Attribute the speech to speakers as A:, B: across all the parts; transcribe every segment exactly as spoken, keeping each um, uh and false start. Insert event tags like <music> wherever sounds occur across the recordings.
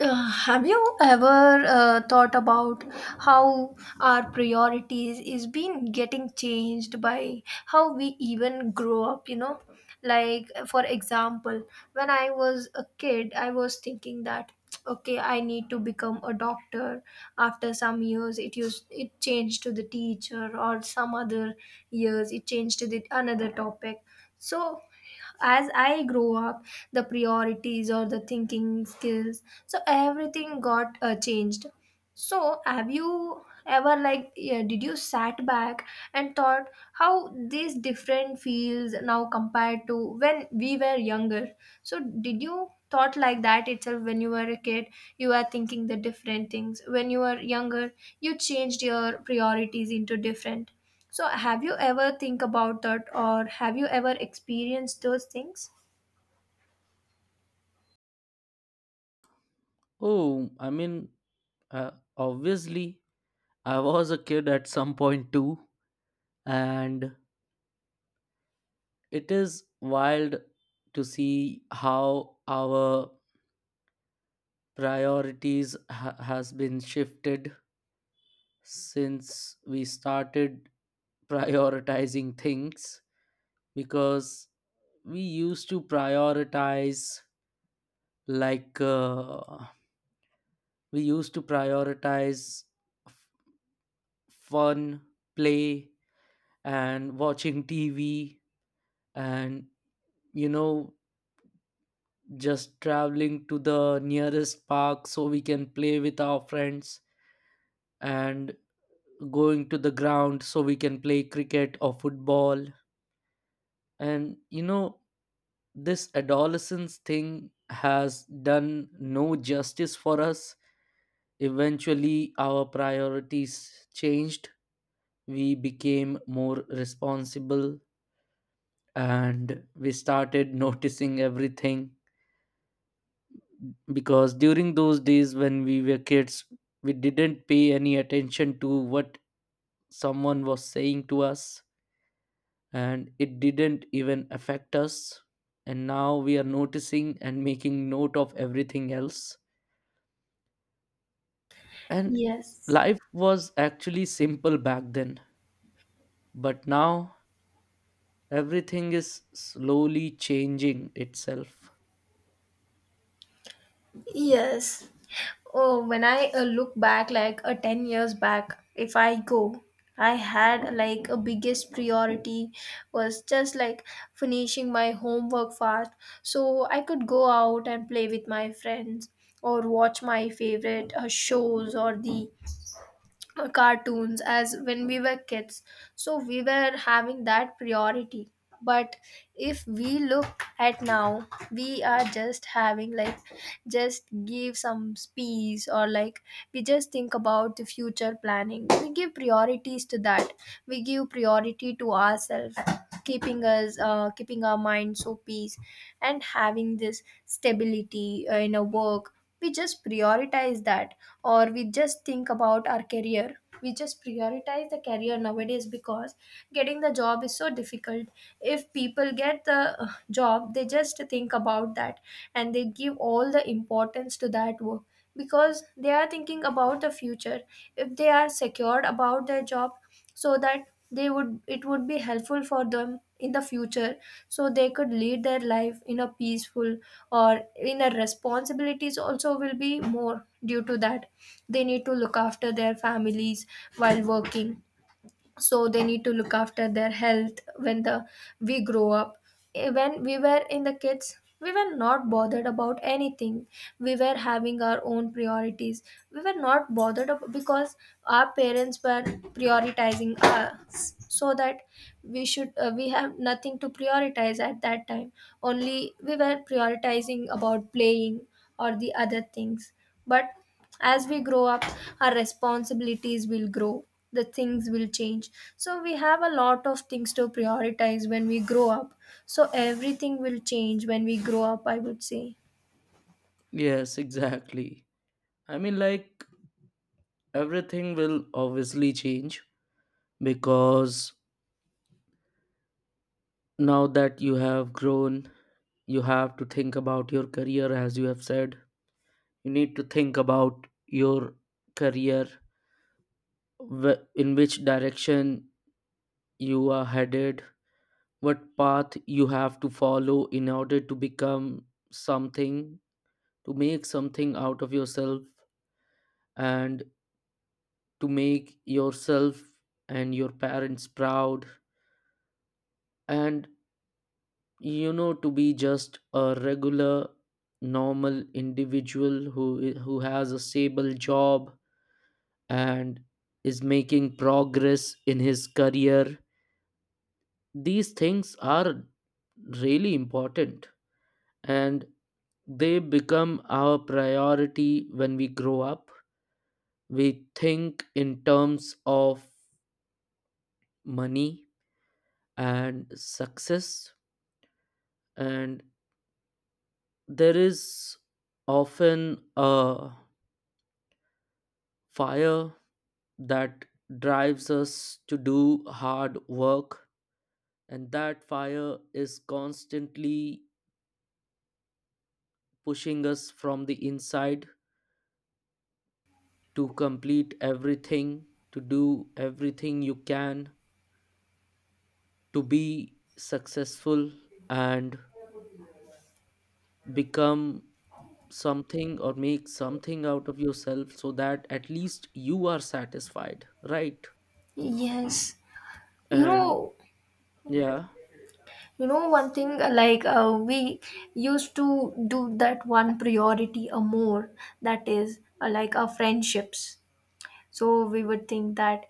A: Uh, have you ever uh, thought about how our priorities is been getting changed by how we even grow up you know like for example when i was a kid i was thinking that <tsk> okay i need to become a doctor after some years it used it changed to the teacher or some other years it changed to the another topic so as i grew up the priorities or the thinking skills so everything got uh, changed. So have you ever like yeah, did you sat back and thought how these different fields now compared to when we were younger, so did you thought like that itself when you were a kid, you were thinking the different things when you were younger, you changed your priorities into different, so have you ever think about that, or have you ever experienced those things?
B: Oh, I mean, uh, obviously, I was a kid at some point too, and it is wild to see how our priorities ha- has been shifted since we started prioritizing things, because we used to prioritize, like uh, we used to prioritize f- fun, play, and watching T V, and you know just traveling to the nearest park so we can play with our friends, and going to the ground so we can play cricket or football. And you know this adolescence thing has done no justice for us. Eventually our priorities changed, we became more responsible, and we started <laughs> noticing everything. Because during those days when we were kids, we didn't pay any attention to what someone was saying to us, and it didn't even affect us, and now we are noticing and making note of everything else. And
A: Yes.
B: life was actually simple back then, but now everything is slowly changing itself.
A: Yes. Oh, when I uh, look back, like uh, ten years back, if I go, I had like a biggest priority was just like finishing my homework fast, so I could go out and play with my friends or watch my favorite uh, shows or the uh, cartoons as when we were kids, so we were having that priority. But if we look at now we are just having like just give some speech or like we just think about the future planning, we give priorities to that, we give priority to ourselves keeping us uh, keeping our mind so peace and having this stability uh, in a work we just prioritize that, or we just think about our career, we just prioritize the career nowadays because getting the job is so difficult. If people get the uh, job they just think about that and they give all the importance to that work because they are thinking about the future. If they are secured about their job so that they would it would be helpful for them in the future, so they could lead their life in a peaceful or in a responsibilities also will be more due to that, they need to look after their families while working, so they need to look after their health when the we grow up. Eh, when we were in the kids we were not bothered about anything, we were having our own priorities, we were not bothered ab- because our parents were prioritizing us so that we should uh, we have nothing to prioritize at that time, only we were prioritizing about playing or the other things. But as we grow up our responsibilities will grow, the things will change, so we have a lot of things to prioritize when we grow up, so everything will change when we grow up i would say.
B: Yes, exactly. I mean, like, everything will obviously change, because now that you have grown, you have to think about your career. As you have said, you need to think about your career, wh- in which direction you are headed, what path you have to follow in order to become something, to make something out of yourself, and to make yourself and your parents proud. And you know to be just a regular normal individual who i- who has a stable job and is making progress in his career. These things are really important, and they become our priority when we grow up. We think in terms of money and success, and there is often a fire that drives us to do hard work, and that fire is constantly pushing us from the inside to complete everything, to do everything you can, to be successful and become something or make something out of yourself so that at least you are satisfied, right?
A: Yes. You
B: And
A: know,
B: yeah,
A: you know one thing like uh, we used to do that one priority a more, that is uh, like our friendships, so we would think that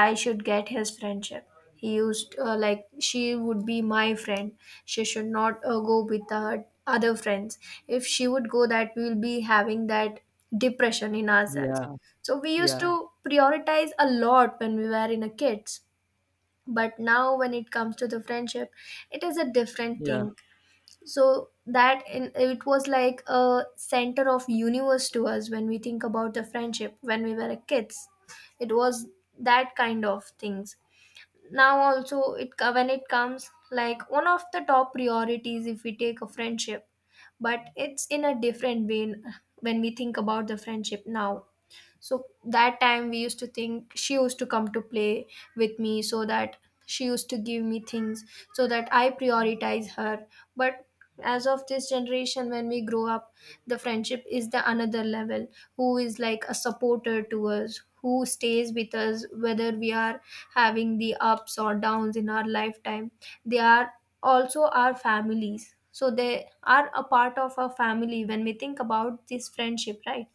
A: i should get his friendship, he used uh, like she would be my friend, she should not uh, go with her other friends, if she would go that we will be having that depression in ourselves,
B: yeah,
A: so we used
B: yeah,
A: to prioritize a lot when we were in a kids. But now when it comes to the friendship it is a different
B: yeah,
A: thing, so that in, it was like a center of universe to us when we think about the friendship when we were kids, it was that kind of things. Now also it co- when it comes like one of the top priorities if we take a friendship, but it's in a different way when we think about the friendship now. So that time we used to think she used to come to play with me so that she used to give me things, so that I prioritize her. But as of this generation when we grow up the friendship is the another level, who is like a supporter to us who stays with us whether we are having the ups or downs in our lifetime, they are also our families, so they are a part of our family when we think about this friendship, right?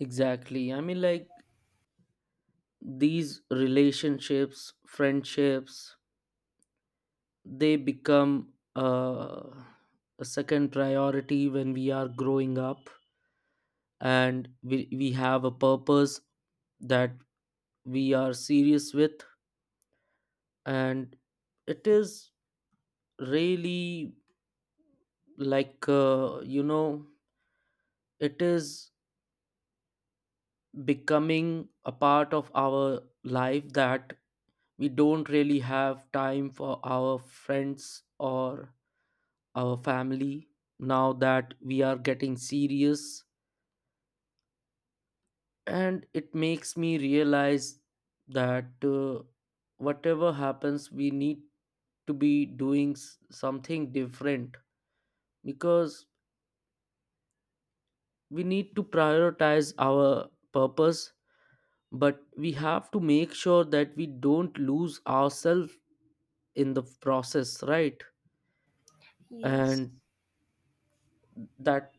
B: exactly. I mean, like, these relationships, friendships, they become uh, a second priority when we are growing up, and we, we have a purpose that we are serious with. And it is really, like uh, you know it is becoming a part of our life that we don't really have time for our friends or our family now that we are getting serious. And it makes me realize that uh, whatever happens, we need to be doing s- something different, because we need to prioritize our purpose, but we have to make sure that we don't lose ourselves in the process, right?
A: Yes.
B: And that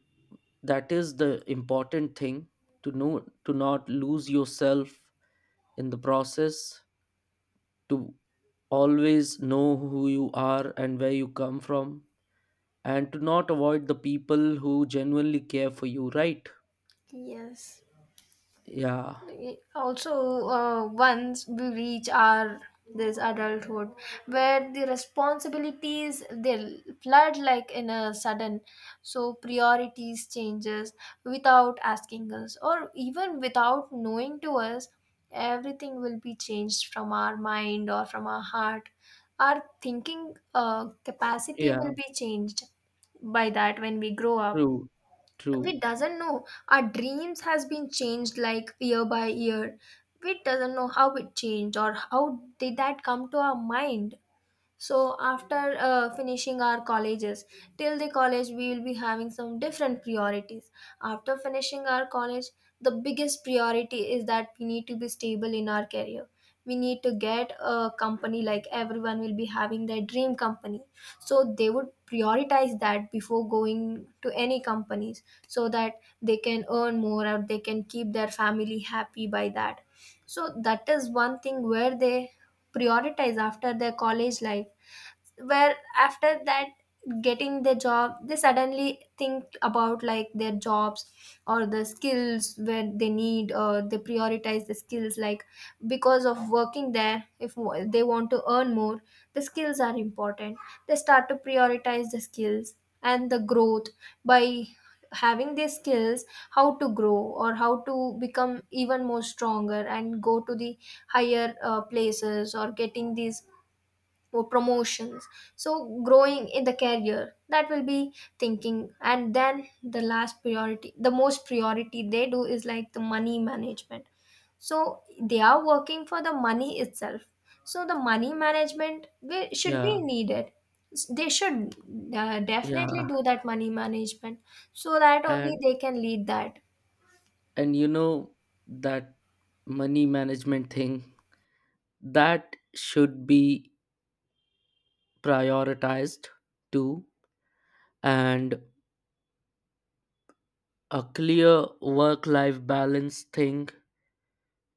B: that is the important thing, to know to not lose yourself in the process, to always know who you are and where you come from, and to not avoid the people who genuinely care for you, right?
A: Yes.
B: Yeah,
A: Also, uh, once we reach our this adulthood, where the responsibilities they flood like in a sudden, so priorities changes without asking us, or even without knowing to us, everything will be changed from our mind or from our heart. Our thinking uh, capacity
B: yeah.
A: will be changed by that when we grow up.
B: True, true.
A: We doesn't know our dreams has been changed like year by year, we doesn't know how it changed or how did that come to our mind. So after uh, finishing our colleges, till the college we will be having some different priorities. After finishing our college, the biggest priority is that we need to be stable in our career. We need to get a company, like everyone will be having their dream company. So they would prioritize that before going to any companies so that they can earn more or they can keep their family happy by that. So that is one thing where they prioritize after their college life, where after that getting the job they suddenly think about like their jobs or the skills where they need, or they prioritize the skills like because of working there if w- they want to earn more the skills are important, they start to prioritize the skills and the growth by having these skills, how to grow or how to become even more stronger and go to the higher uh, places or getting these or promotions, so growing in the career that will be thinking. And then the last priority, the most priority they do is like the money management, so they are working for the money itself, so the money management will, should be
B: Yeah,
A: needed, they should uh,
B: yeah.
A: definitely do that money management so that only
B: And
A: they can lead that.
B: and you know that money management thing, that should be prioritized too. And a clear work life balance thing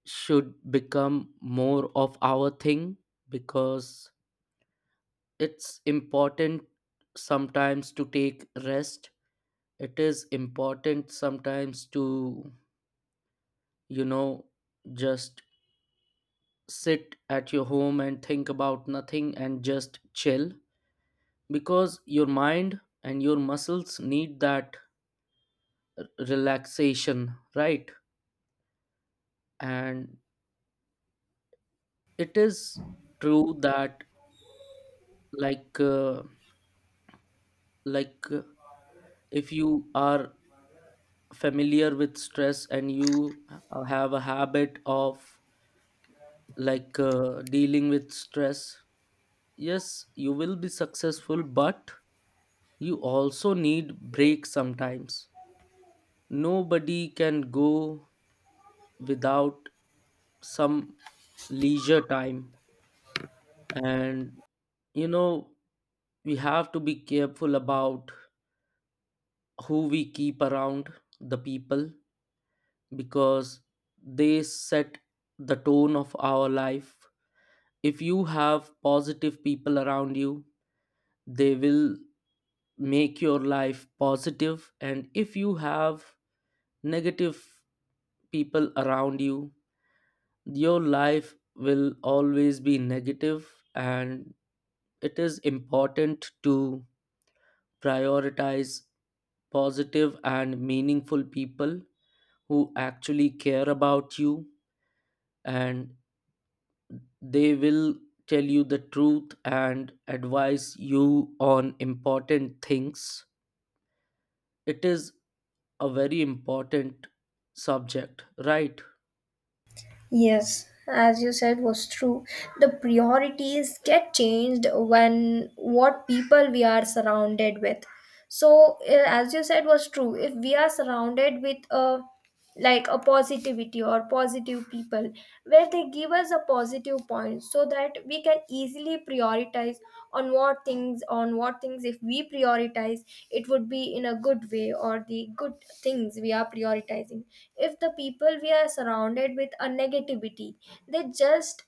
B: should become more of our thing, because it's important sometimes to take rest. It is important sometimes to, you know, just sit at your home and think about nothing and just chill, because your mind and your muscles need that relaxation, right? And it is true that like uh, like uh, if you are familiar with stress and you uh, have a habit of, like uh, dealing with stress, yes, you will be successful, but you also need break sometimes. Nobody can go without some leisure time. And you know we have to be careful about who we keep around, the people, because they set the tone of our life. If you have positive people around you, they will make your life positive. And if you have negative people around you, your life will always be negative negative. And it is important to prioritize positive and meaningful people who actually care about you, and they will tell you the truth and advise you on important things. It is a very important subject, right?
A: Yes, as you said, was true. The priorities get changed when what people we are surrounded with. So, eh, as you said, was true. If we are surrounded with a like a positivity or positive people where they give us a positive point so that we can easily prioritize on what things, on what things if we prioritize it would be in a good way, or the good things we are prioritizing. If the people we are surrounded with a negativity, they just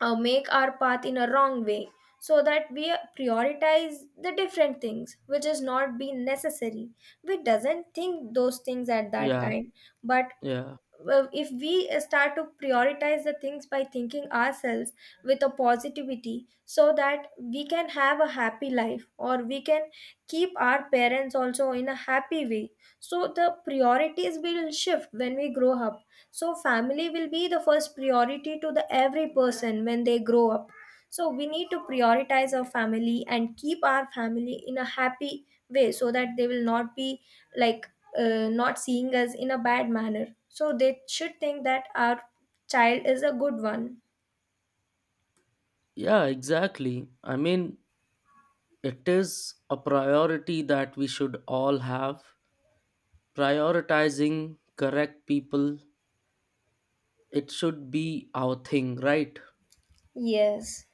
A: uh, make our path in a wrong way, so that we prioritize the different things which is not be necessary, we doesn't think those things at that
B: Yeah,
A: time. But
B: yeah.
A: well, if we uh, start to prioritize the things by thinking ourselves with a positivity so that we can have a happy life, or we can keep our parents also in a happy way, so the priorities will shift when we grow up, so family will be the first priority to the every person when they grow up, so we need to prioritize our family and keep our family in a happy way so that they will not be like uh, not seeing us in a bad manner. So they should think that our child is a good one.
B: Yeah, exactly. I mean, it is a priority that we should all have. Prioritizing correct people, it should be our thing, right?
A: Yes.